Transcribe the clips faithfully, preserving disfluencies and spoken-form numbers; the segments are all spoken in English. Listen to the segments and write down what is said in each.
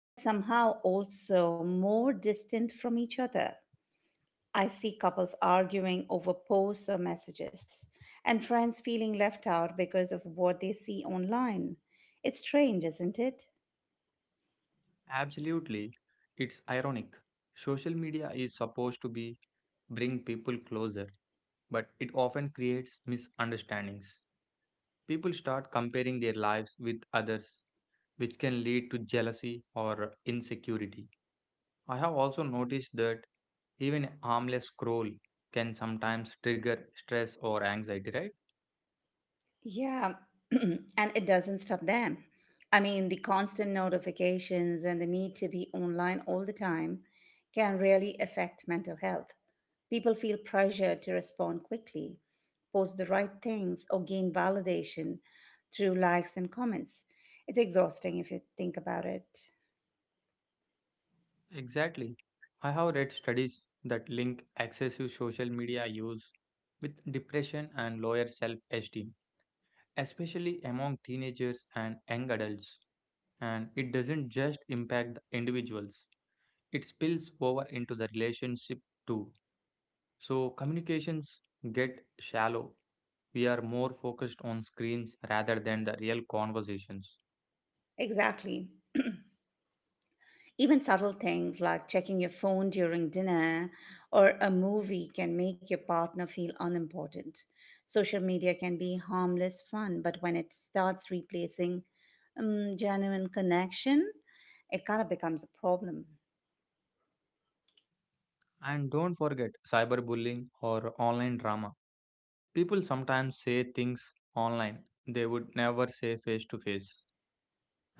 but somehow also more distant from each other. I see couples arguing over posts or messages, and friends feeling left out because of what they see online. It's strange, isn't it? Absolutely. It's ironic. Social media is supposed to be bring people closer, but it often creates misunderstandings. People start comparing their lives with others, which can lead to jealousy or insecurity. I have also noticed that even a harmless scroll can sometimes trigger stress or anxiety, right? Yeah, and it doesn't stop them. I mean, the constant notifications and the need to be online all the time can really affect mental health. People feel pressure to respond quickly, post the right things, or gain validation through likes and comments. It's exhausting if you think about it. Exactly. I have read studies that link excessive social media use with depression and lower self esteem, especially among teenagers and young adults. And it doesn't just impact the individuals, it spills over into the relationship too. So, communications get shallow. We are more focused on screens rather than the real conversations. Exactly. Even subtle things like checking your phone during dinner or a movie can make your partner feel unimportant. Social media can be harmless fun, but when it starts replacing um, genuine connection, it kind of becomes a problem. And don't forget cyberbullying or online drama. People sometimes say things online they would never say face to face,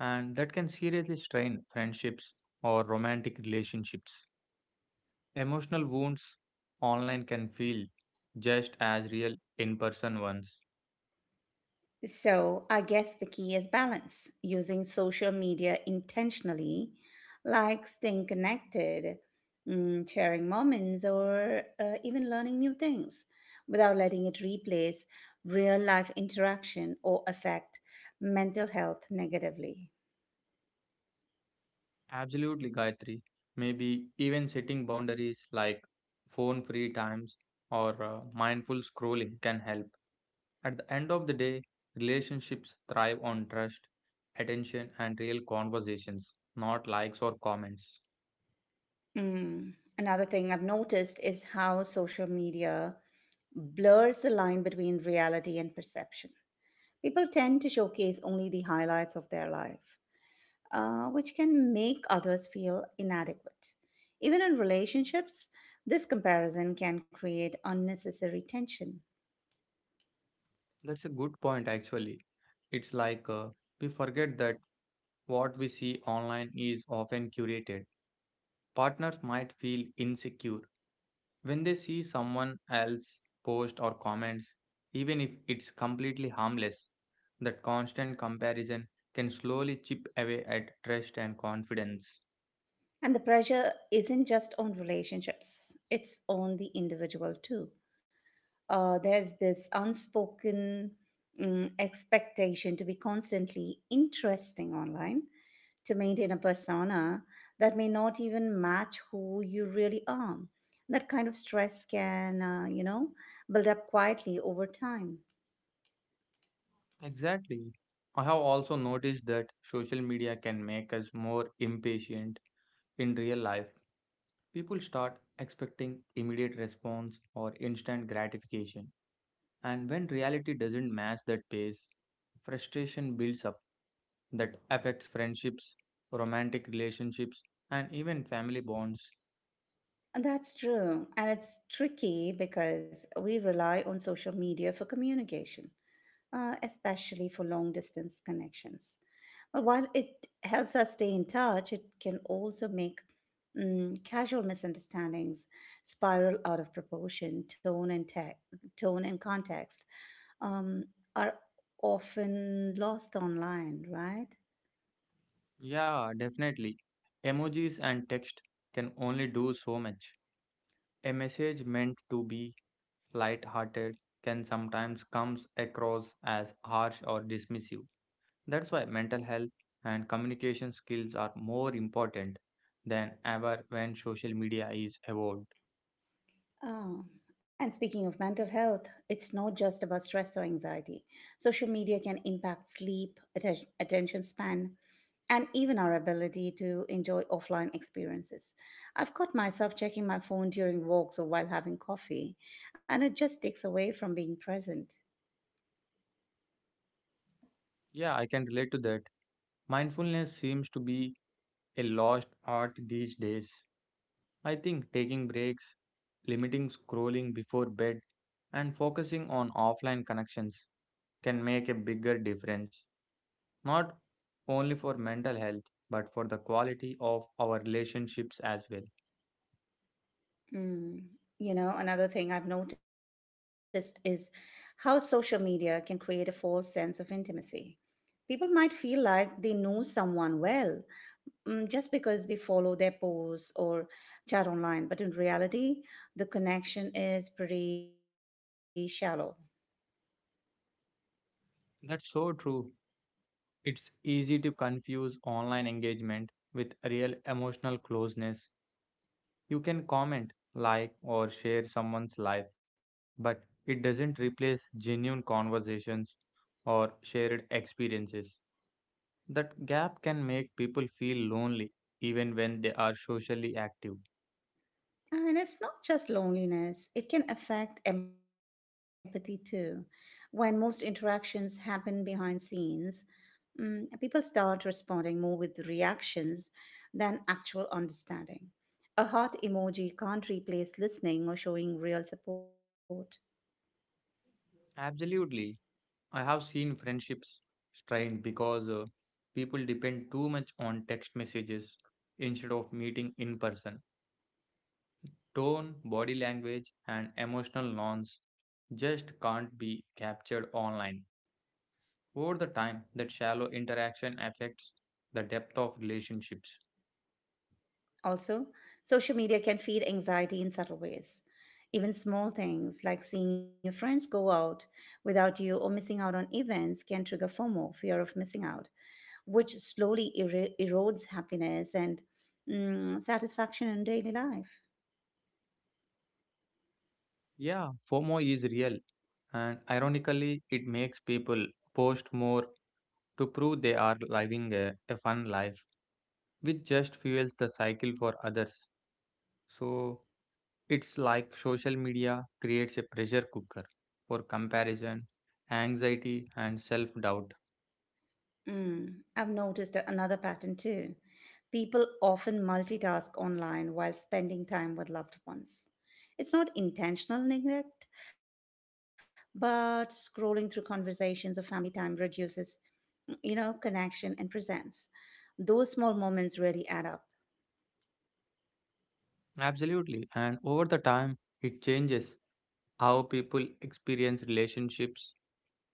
and that can seriously strain friendships or romantic relationships. Emotional wounds online can feel just as real in person ones. So, I guess the key is balance, using social media intentionally, like staying connected, mm, sharing moments, or uh, even learning new things without letting it replace real life interaction or affect mental health negatively. Absolutely, Gayatri. Maybe even setting boundaries like phone free times or uh, mindful scrolling can help. At the end of the day, relationships thrive on trust, attention, and real conversations, not likes or comments. Mm. Another thing I've noticed is how social media blurs the line between reality and perception. People tend to showcase only the highlights of their life, uh, which can make others feel inadequate. Even in relationships, this comparison can create unnecessary tension. That's a good point, actually. It's like uh, we forget that what we see online is often curated. Partners might feel insecure when they see someone else post or comments, even if it's completely harmless. That constant comparison can slowly chip away at trust and confidence. And the pressure isn't just on relationships, it's on the individual too. Uh, there's this unspoken, mm, expectation to be constantly interesting online, to maintain a persona that may not even match who you really are. That kind of stress can, uh, you know, build up quietly over time. Exactly. I have also noticed that social media can make us more impatient in real life. People start expecting immediate response or instant gratification. And when reality doesn't match that pace, frustration builds up. That affects friendships, romantic relationships, and even family bonds. And that's true. And it's tricky because we rely on social media for communication, uh, especially for long distance connections. But while it helps us stay in touch, it can also make, mm, casual misunderstandings spiral out of proportion. Tone and, te- tone and context um, are often lost online, right? Yeah, definitely. Emojis and text can only do so much. A message meant to be light-hearted can sometimes comes across as harsh or dismissive. That's why mental health and communication skills are more important than ever when social media is evolved. Ah, and speaking of mental health, it's not just about stress or anxiety. Social media can impact sleep, atten- attention span, and even our ability to enjoy offline experiences. I've caught myself checking my phone during walks or while having coffee, and it just takes away from being present. Yeah, I can relate to that. Mindfulness seems to be a lost art these days. I think taking breaks, limiting scrolling before bed, and focusing on offline connections can make a bigger difference, not only for mental health, but for the quality of our relationships as well. Mm. You know, another thing I've noticed is how social media can create a false sense of intimacy. People might feel like they know someone well, mm, just because they follow their posts or chat online. But in reality, the connection is pretty shallow. That's so true. It's easy to confuse online engagement with real emotional closeness. You can comment, like, or share someone's life, but it doesn't replace genuine conversations or shared experiences. That gap can make people feel lonely even when they are socially active. And it's not just loneliness, it can affect empathy too. When most interactions happen behind scenes, mm, people start responding more with reactions than actual understanding. A heart emoji can't replace listening or showing real support. Absolutely. I have seen friendships strained because uh, people depend too much on text messages instead of meeting in person. Tone, body language, and emotional norms just can't be captured online. Over the time, that shallow interaction affects the depth of relationships. Also, social media can feed anxiety in subtle ways. Even small things like seeing your friends go out without you or missing out on events can trigger FOMO, fear of missing out, which slowly ero- erodes happiness and, mm, satisfaction in daily life. Yeah, FOMO is real, and ironically, it makes people post more to prove they are living a, a fun life, which just fuels the cycle for others. So it's like social media creates a pressure cooker for comparison, anxiety, and self doubt. Mm, I've noticed a- another pattern too. People often multitask online while spending time with loved ones. It's not intentional neglect, but scrolling through conversations or family time reduces, you know, connection and presence. Those small moments really add up. Absolutely. And over the time, it changes how people experience relationships.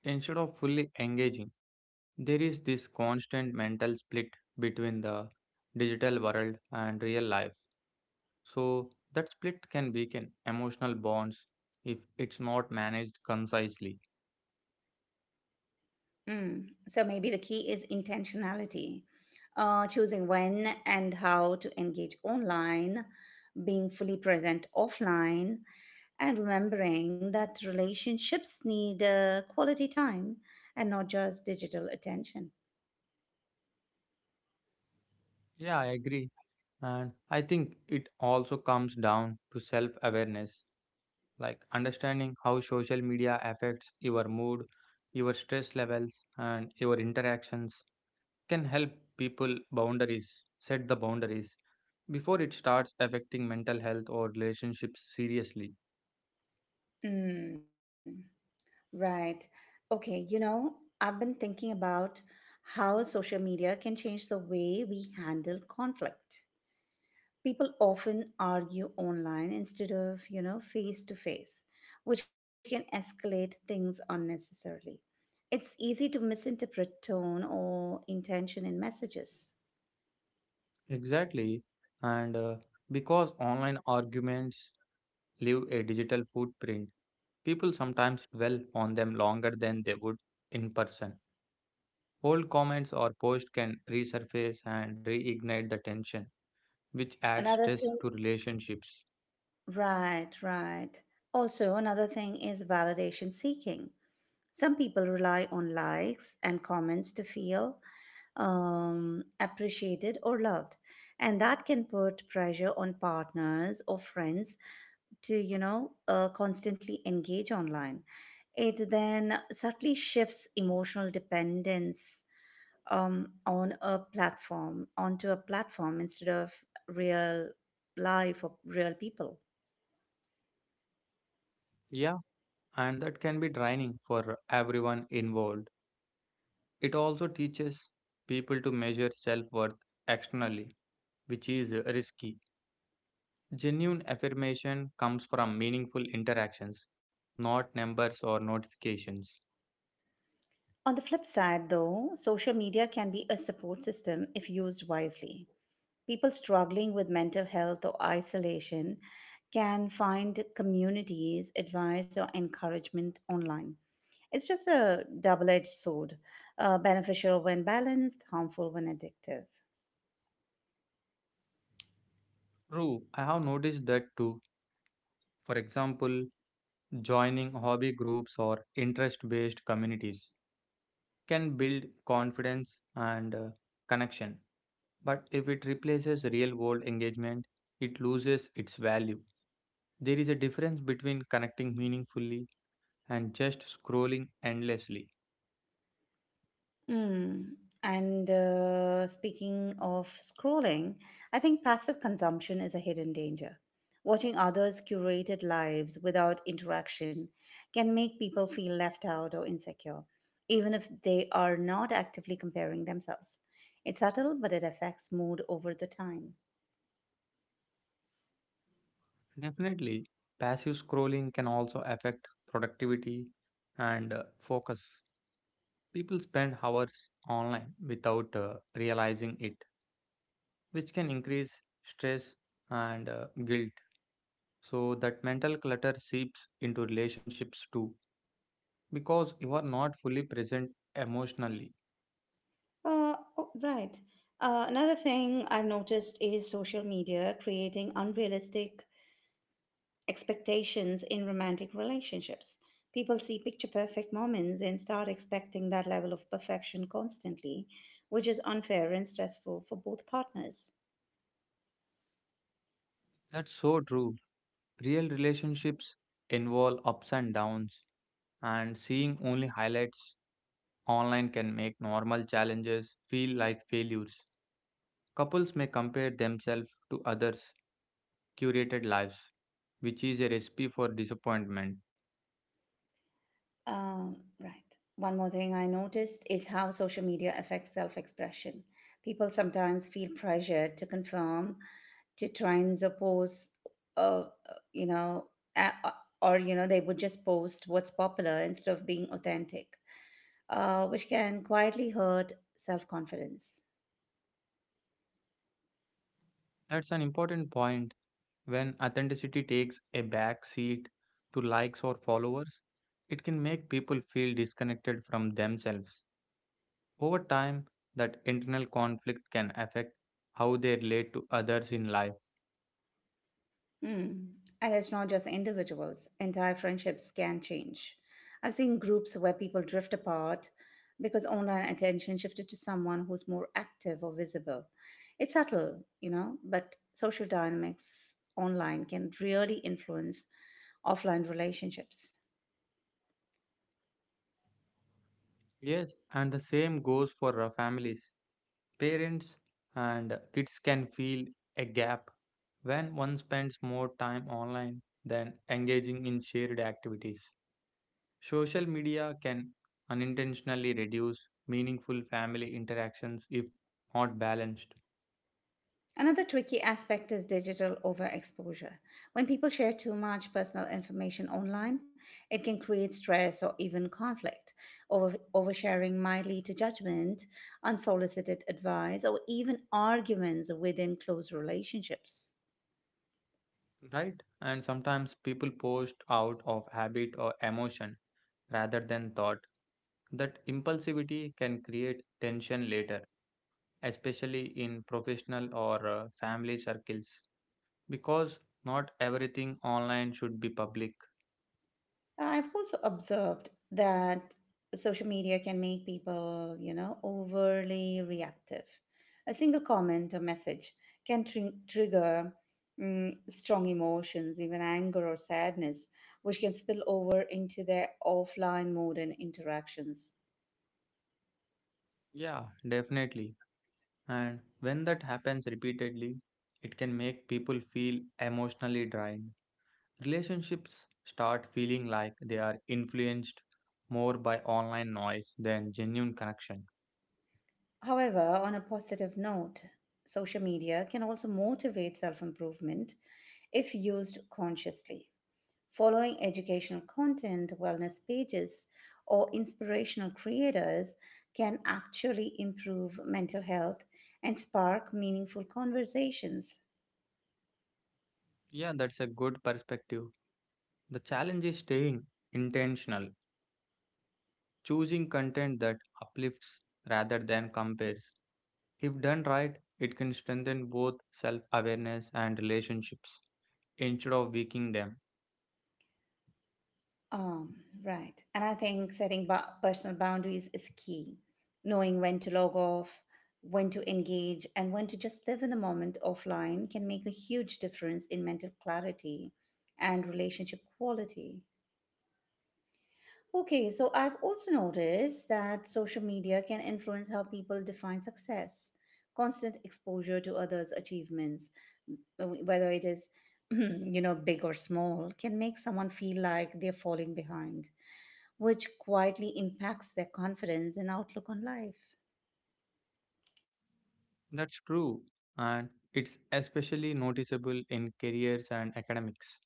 Instead of fully engaging, there is this constant mental split between the digital world and real life. So that split can weaken emotional bonds if it's not managed concisely. Mm. So maybe the key is intentionality, uh, choosing when and how to engage online, being fully present offline, and remembering that relationships need uh, quality time and not just digital attention. Yeah, I agree. And I think it also comes down to self awareness, like understanding how social media affects your mood, your stress levels, and your interactions can help people boundaries, set the boundaries before it starts affecting mental health or relationships seriously. Mm. Right. Okay. You know, I've been thinking about how social media can change the way we handle conflict. People often argue online instead of, you know, face to face, which can escalate things unnecessarily. It's easy to misinterpret tone or intention in messages. Exactly. And uh, because online arguments leave a digital footprint. People sometimes dwell on them longer than they would in person. Old comments or posts can resurface and reignite the tension, which adds Another stress thing, to relationships. right right also, another thing is validation seeking. Some people rely on likes and comments to feel, um, appreciated or loved, and that can put pressure on partners or friends to, you know, uh, constantly engage online. It then subtly shifts emotional dependence, um, on a platform onto a platform instead of real life or real people. Yeah, and that can be draining for everyone involved. It also teaches people to measure self worth externally, which is risky. Genuine affirmation comes from meaningful interactions, not numbers or notifications. On the flip side, though, social media can be a support system if used wisely. People struggling with mental health or isolation can find communities, advice, or encouragement online. It's just a double edged sword, uh, beneficial when balanced, harmful when addictive. True, I have noticed that too. For example, joining hobby groups or interest based communities can build confidence and uh, connection. But if it replaces real world engagement, it loses its value. There is a difference between connecting meaningfully and just scrolling endlessly. Mm. And uh, speaking of scrolling, I think passive consumption is a hidden danger. Watching others' curated lives without interaction can make people feel left out or insecure, even if they are not actively comparing themselves. It's subtle, but it affects mood over the time. Definitely, passive scrolling can also affect productivity and uh, focus. People spend hours online without uh, realizing it, which can increase stress and uh, guilt. So, that mental clutter seeps into relationships too because you are not fully present emotionally. Uh, oh, right. Uh, another thing I've noticed is social media creating unrealistic expectations in romantic relationships. People see picture perfect moments and start expecting that level of perfection constantly, which is unfair and stressful for both partners. That's so true. Real relationships involve ups and downs, and seeing only highlights online can make normal challenges feel like failures. Couples may compare themselves to others' curated lives, which is a recipe for disappointment. Um, right. One more thing I noticed is how social media affects self expression. People sometimes feel pressured to conform, to try and suppose, uh, uh, you know a- uh, or you know they would just post what's popular instead of being authentic, uh, which can quietly hurt self-confidence. That's an important point. When authenticity takes a back seat to likes or followers, it can make people feel disconnected from themselves. Over time, that internal conflict can affect how they relate to others in life. Hmm. And it's not just individuals, entire friendships can change. I've seen groups where people drift apart because online attention shifted to someone who's more active or visible. It's subtle, you know, but social dynamics online can really influence offline relationships. Yes, and the same goes for uh, families. Parents and kids can feel a gap when one spends more time online than engaging in shared activities. Social media can unintentionally reduce meaningful family interactions if not balanced, Another tricky aspect is digital overexposure. When people share too much personal information online, it can create stress or even conflict. Over- oversharing might lead to judgment, unsolicited advice, or even arguments within close relationships. right? And sometimes people post out of habit or emotion rather than thought. That impulsivity can create tension later, especially in professional or uh, family circles, because not everything online should be public. Uh, I've also observed that social media can make people, you know, overly reactive. A single comment or message can tr- trigger, mm, strong emotions, even anger or sadness, which can spill over into their offline mode and interactions. Yeah, definitely. And when that happens repeatedly, it can make people feel emotionally drained. Relationships start feeling like they are influenced more by online noise than genuine connection. However, on a positive note, social media can also motivate self improvement if used consciously. Following educational content, wellness pages, or inspirational creators can actually improve mental health and spark meaningful conversations. Yeah, that's a good perspective. The challenge is staying intentional, choosing content that uplifts rather than compares. If done right, it can strengthen both self awareness and relationships instead of weakening them. Um, right. And I think setting ba- personal boundaries is key. Knowing when to log off, when to engage, and when to just live in the moment offline can make a huge difference in mental clarity and relationship quality. Okay, so I've also noticed that social media can influence how people define success. Constant exposure to others' achievements, w- whether it is, you know, big or small, can make someone feel like they're falling behind, which quietly impacts their confidence and outlook on life. That's true, and it's especially noticeable in careers and academics.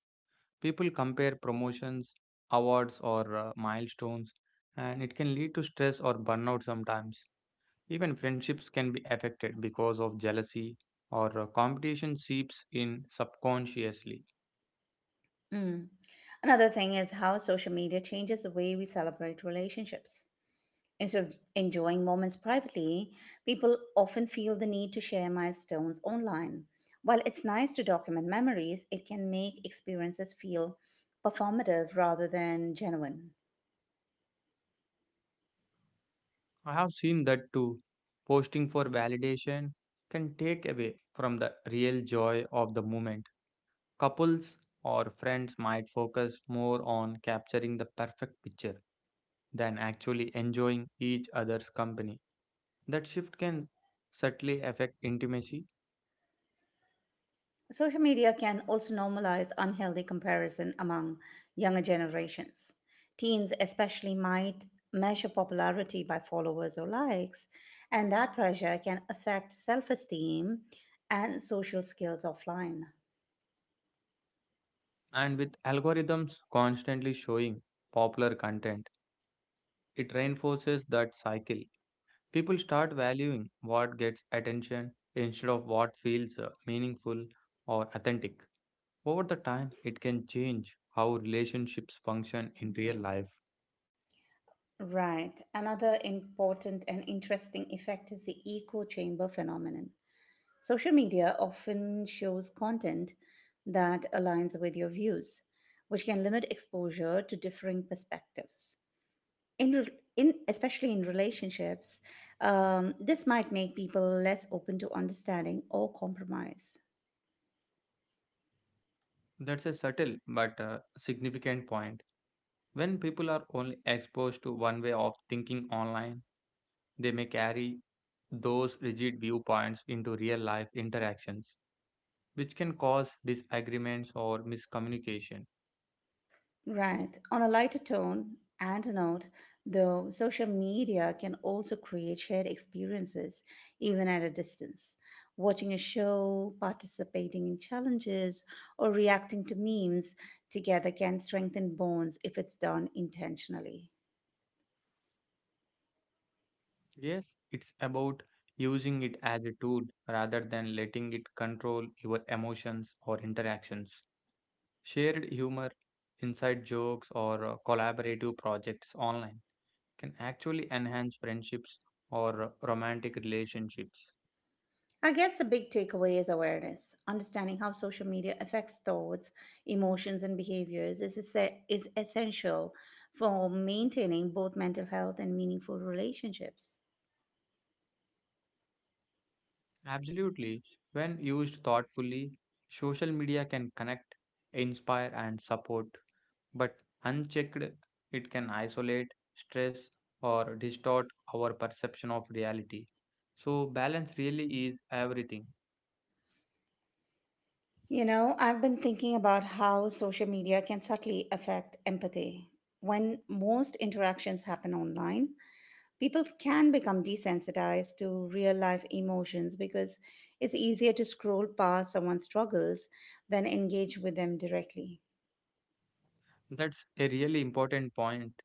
People compare promotions, awards, or uh, milestones, and it can lead to stress or burnout sometimes. Even friendships can be affected because of jealousy or uh, competition seeps in subconsciously. Mm. Another thing is how social media changes the way we celebrate relationships. Instead of enjoying moments privately, people often feel the need to share milestones online. While it's nice to document memories, it can make experiences feel performative rather than genuine. I have seen that too. Posting for validation can take away from the real joy of the moment. Couples or friends might focus more on capturing the perfect picture than actually enjoying each other's company. That shift can subtly affect intimacy, Social media can also normalize unhealthy comparison among younger generations. Teens, especially, might measure popularity by followers or likes, and that pressure can affect self esteem and social skills offline. and with algorithms constantly showing popular content, it reinforces that cycle. People start valuing what gets attention instead of what feels uh, meaningful or authentic. Over the time, it can change how relationships function in real life. Right. Another important and interesting effect is the echo chamber phenomenon. Social media often shows content that aligns with your views, which can limit exposure to differing perspectives. In, re- in Especially in relationships, um, this might make people less open to understanding or compromise. That's a subtle but uh, significant point. When people are only exposed to one way of thinking online, they may carry those rigid viewpoints into real life interactions, which can cause disagreements or miscommunication. Right. On a lighter tone and a note, though, social media can also create shared experiences, even at a distance. Watching a show, participating in challenges, or reacting to memes together can strengthen bonds if it's done intentionally. Yes, it's about using it as a tool rather than letting it control your emotions or interactions. Shared humor, inside jokes, or uh, collaborative projects online can actually enhance friendships or uh, romantic relationships. I guess the big takeaway is awareness. Understanding how social media affects thoughts, emotions, and behaviors is, esse- is essential for maintaining both mental health and meaningful relationships. Absolutely. When used thoughtfully, social media can connect, inspire, and support, but unchecked, it can isolate, stress, or distort our perception of reality. So, balance really is everything. You know, I've been thinking about how social media can subtly affect empathy. When most interactions happen online, people can become desensitized to real life emotions because it's easier to scroll past someone's struggles than engage with them directly. That's a really important point.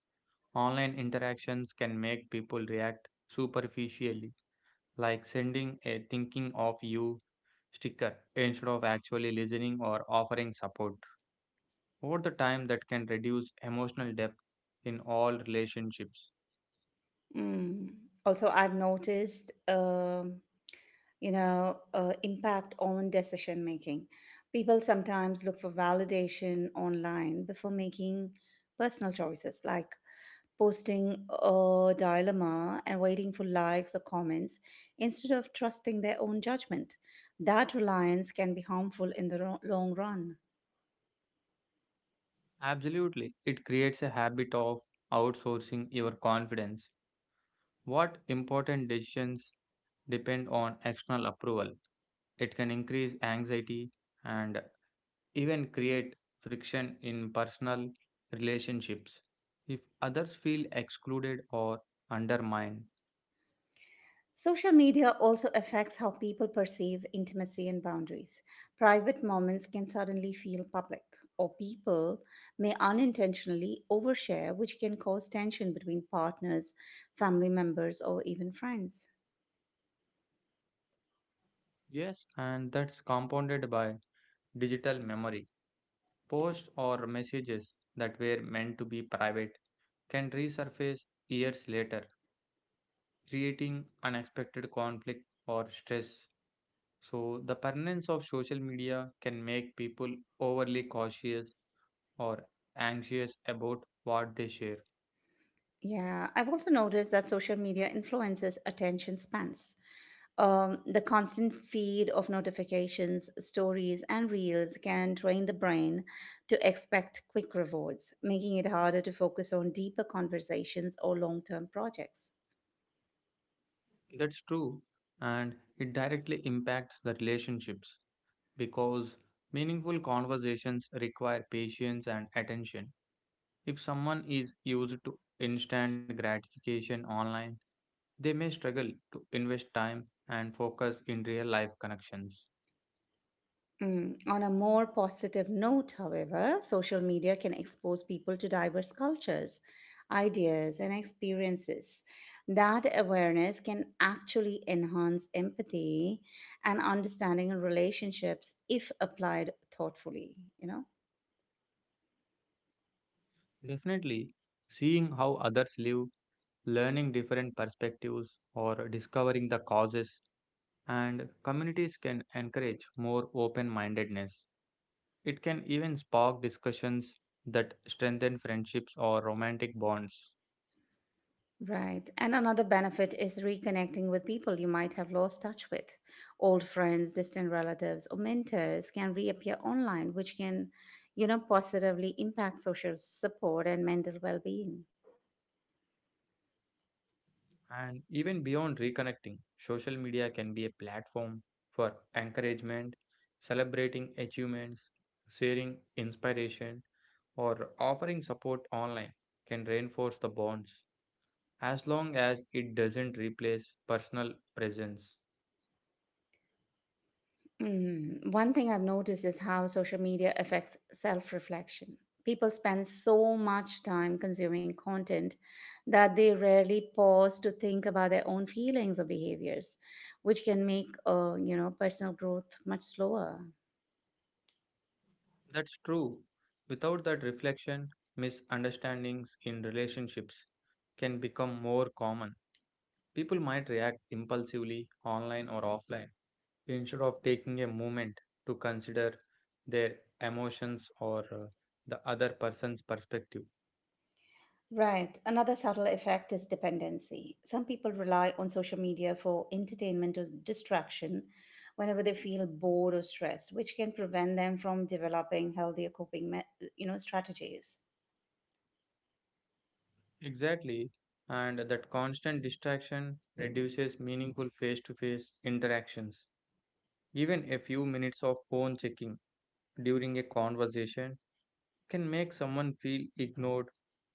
Online interactions can make people react superficially, like sending a thinking of you sticker instead of actually listening or offering support. Over the time that can reduce emotional depth in all relationships. Mm. Also, I've noticed, um you know, uh, impact on decision making. People sometimes look for validation online before making personal choices, like posting a dilemma and waiting for likes or comments instead of trusting their own judgment. That reliance can be harmful in the ro- long run. Absolutely, it creates a habit of outsourcing your confidence. What important decisions depend on external approval? It can increase anxiety and even create friction in personal relationships if others feel excluded or undermined. Social media also affects how people perceive intimacy and boundaries. Private moments can suddenly feel public, or people may unintentionally overshare, which can cause tension between partners, family members, or even friends. Yes, and that's compounded by digital memory. Posts or messages that were meant to be private can resurface years later, creating unexpected conflict or stress. So, the permanence of social media can make people overly cautious or anxious about what they share. Yeah, I've also noticed that social media influences attention spans. Um, the constant feed of notifications, stories, and reels can train the brain to expect quick rewards, making it harder to focus on deeper conversations or long term projects. That's true, and it directly impacts the relationships because meaningful conversations require patience and attention. If someone is used to instant gratification online, they may struggle to invest time and focus in real life connections. Mm. On a more positive note, however, social media can expose people to diverse cultures, ideas, and experiences. That awareness can actually enhance empathy and understanding in relationships if applied thoughtfully, you know? Definitely, seeing how others live, learning different perspectives, or discovering the causes and communities can encourage more open mindedness. It can even spark discussions that strengthen friendships or romantic bonds. Right. And another benefit is reconnecting with people you might have lost touch with. Old friends, distant relatives, or mentors can reappear online, which can, you know, positively impact social support and mental well being. And even beyond reconnecting, social media can be a platform for encouragement, celebrating achievements, sharing inspiration or offering support online can reinforce the bonds as long as it doesn't replace personal presence. Mm. One thing I've noticed is how social media affects self reflection. People spend so much time consuming content that they rarely pause to think about their own feelings or behaviors, which can make, uh, you know, personal growth much slower. That's true. Without that reflection, misunderstandings in relationships can become more common. People might react impulsively online or offline instead of taking a moment to consider their emotions or uh, the other person's perspective. Right. Another subtle effect is dependency. Some people rely on social media for entertainment or distraction whenever they feel bored or stressed, which can prevent them from developing healthier coping, me- you know, strategies. Exactly. And that constant distraction reduces meaningful face to face interactions. Even a few minutes of phone checking during a conversation can make someone feel ignored,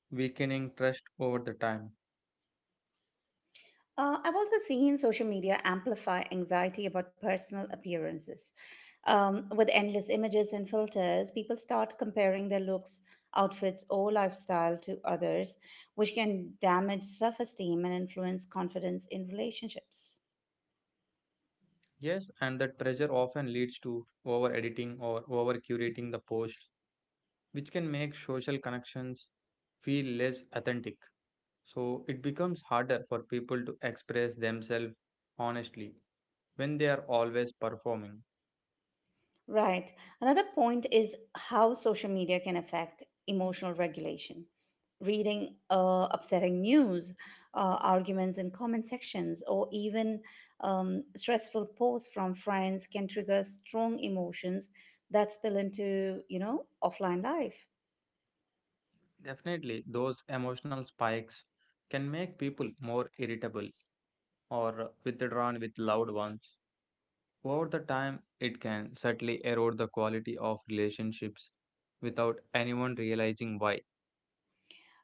weakening trust over the time. Uh, I've also seen social media amplify anxiety about personal appearances. Um, with endless images and filters, people start comparing their looks, outfits, or lifestyle to others, which can damage self esteem and influence confidence in relationships. Yes, and that pressure often leads to over editing or over curating the post, which can make social connections feel less authentic. So it becomes harder for people to express themselves honestly when they are always performing. Right. Another point is how social media can affect emotional regulation. Reading uh, upsetting news, uh, arguments in comment sections, or even, um, stressful posts from friends can trigger strong emotions that spill into, you know, offline life. Definitely, those emotional spikes can make people more irritable or withdrawn with loved ones. Over the time, it can subtly erode the quality of relationships without anyone realizing why.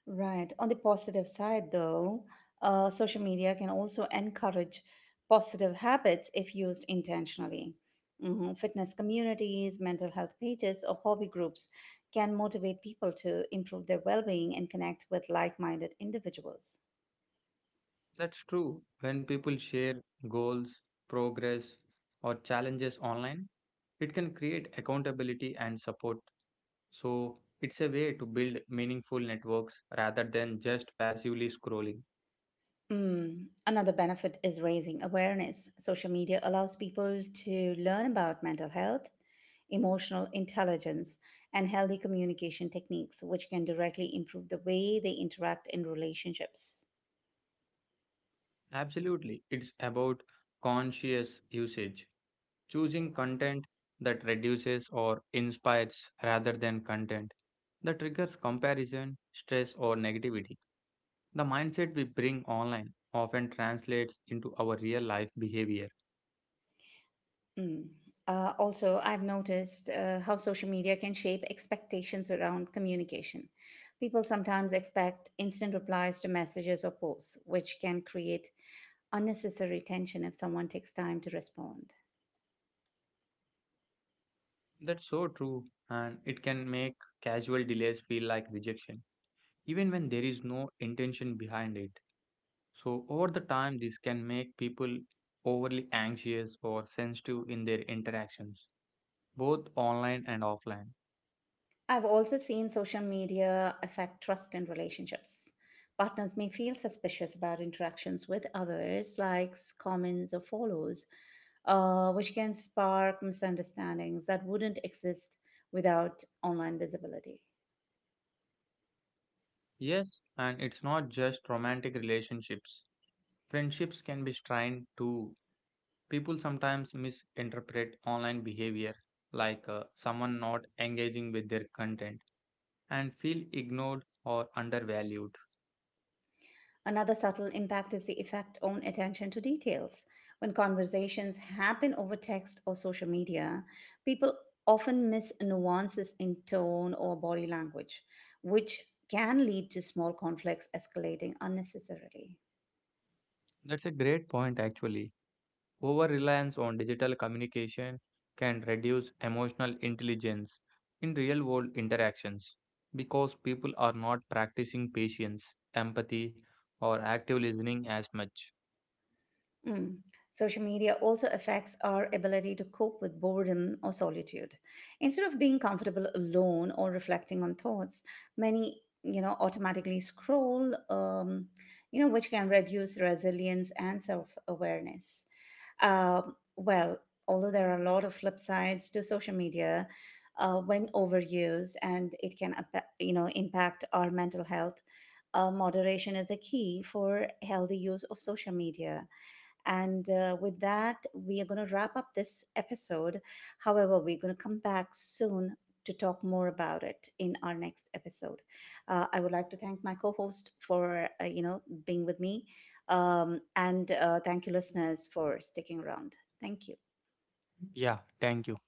Right. On the positive side, though, uh, social media can also encourage positive habits if used intentionally. Mhm. Fitness communities, mental health pages, or hobby groups can motivate people to improve their well being and connect with like minded individuals. That's true when people share goals, progress, or challenges online. It can create accountability and support. So, it's a way to build meaningful networks rather than just passively scrolling. Mm. Another benefit is raising awareness. Social media allows people to learn about mental health, emotional intelligence, and healthy communication techniques, which can directly improve the way they interact in relationships. Absolutely. It's about conscious usage, choosing content that reduces or inspires rather than content that triggers comparison, stress, or negativity. The mindset we bring online often translates into our real life behavior. Mm. Uh, also, I've noticed uh, how social media can shape expectations around communication. People sometimes expect instant replies to messages or posts, which can create unnecessary tension if someone takes time to respond. That's so true, and it can make casual delays feel like rejection, even when there is no intention behind it. So, over the time, this can make people overly anxious or sensitive in their interactions both online and offline. I've also seen social media affect trust in relationships. Partners may feel suspicious about interactions with others, likes, comments, or follows, uh, which can spark misunderstandings that wouldn't exist without online visibility. Yes, and it's not just romantic relationships. Friendships can be strained too. People sometimes misinterpret online behavior, like uh, someone not engaging with their content, and feel ignored or undervalued. Another subtle impact is the effect on attention to details. When conversations happen over text or social media, people often miss nuances in tone or body language, which can lead to small conflicts escalating unnecessarily. That's a great point, actually. Over reliance on digital communication can reduce emotional intelligence in real world interactions because people are not practicing patience, empathy, or active listening as much. Mm. Social media also affects our ability to cope with boredom or solitude. Instead of being comfortable alone or reflecting on thoughts, many, you know, automatically scroll, um, you know which can reduce resilience and self-awareness. Um well, although there are a lot of flip sides to social media, uh, when overused, and it can apa- you know impact our mental health, uh, moderation is a key for healthy use of social media, and uh, with that, we are going to wrap up this episode. However, we're going to come back soon to talk more about it in our next episode. Uh, I would like to thank my co-host for, uh, you know being with me, um, and uh, thank you, listeners, for sticking around. Thank you. Yeah, thank you.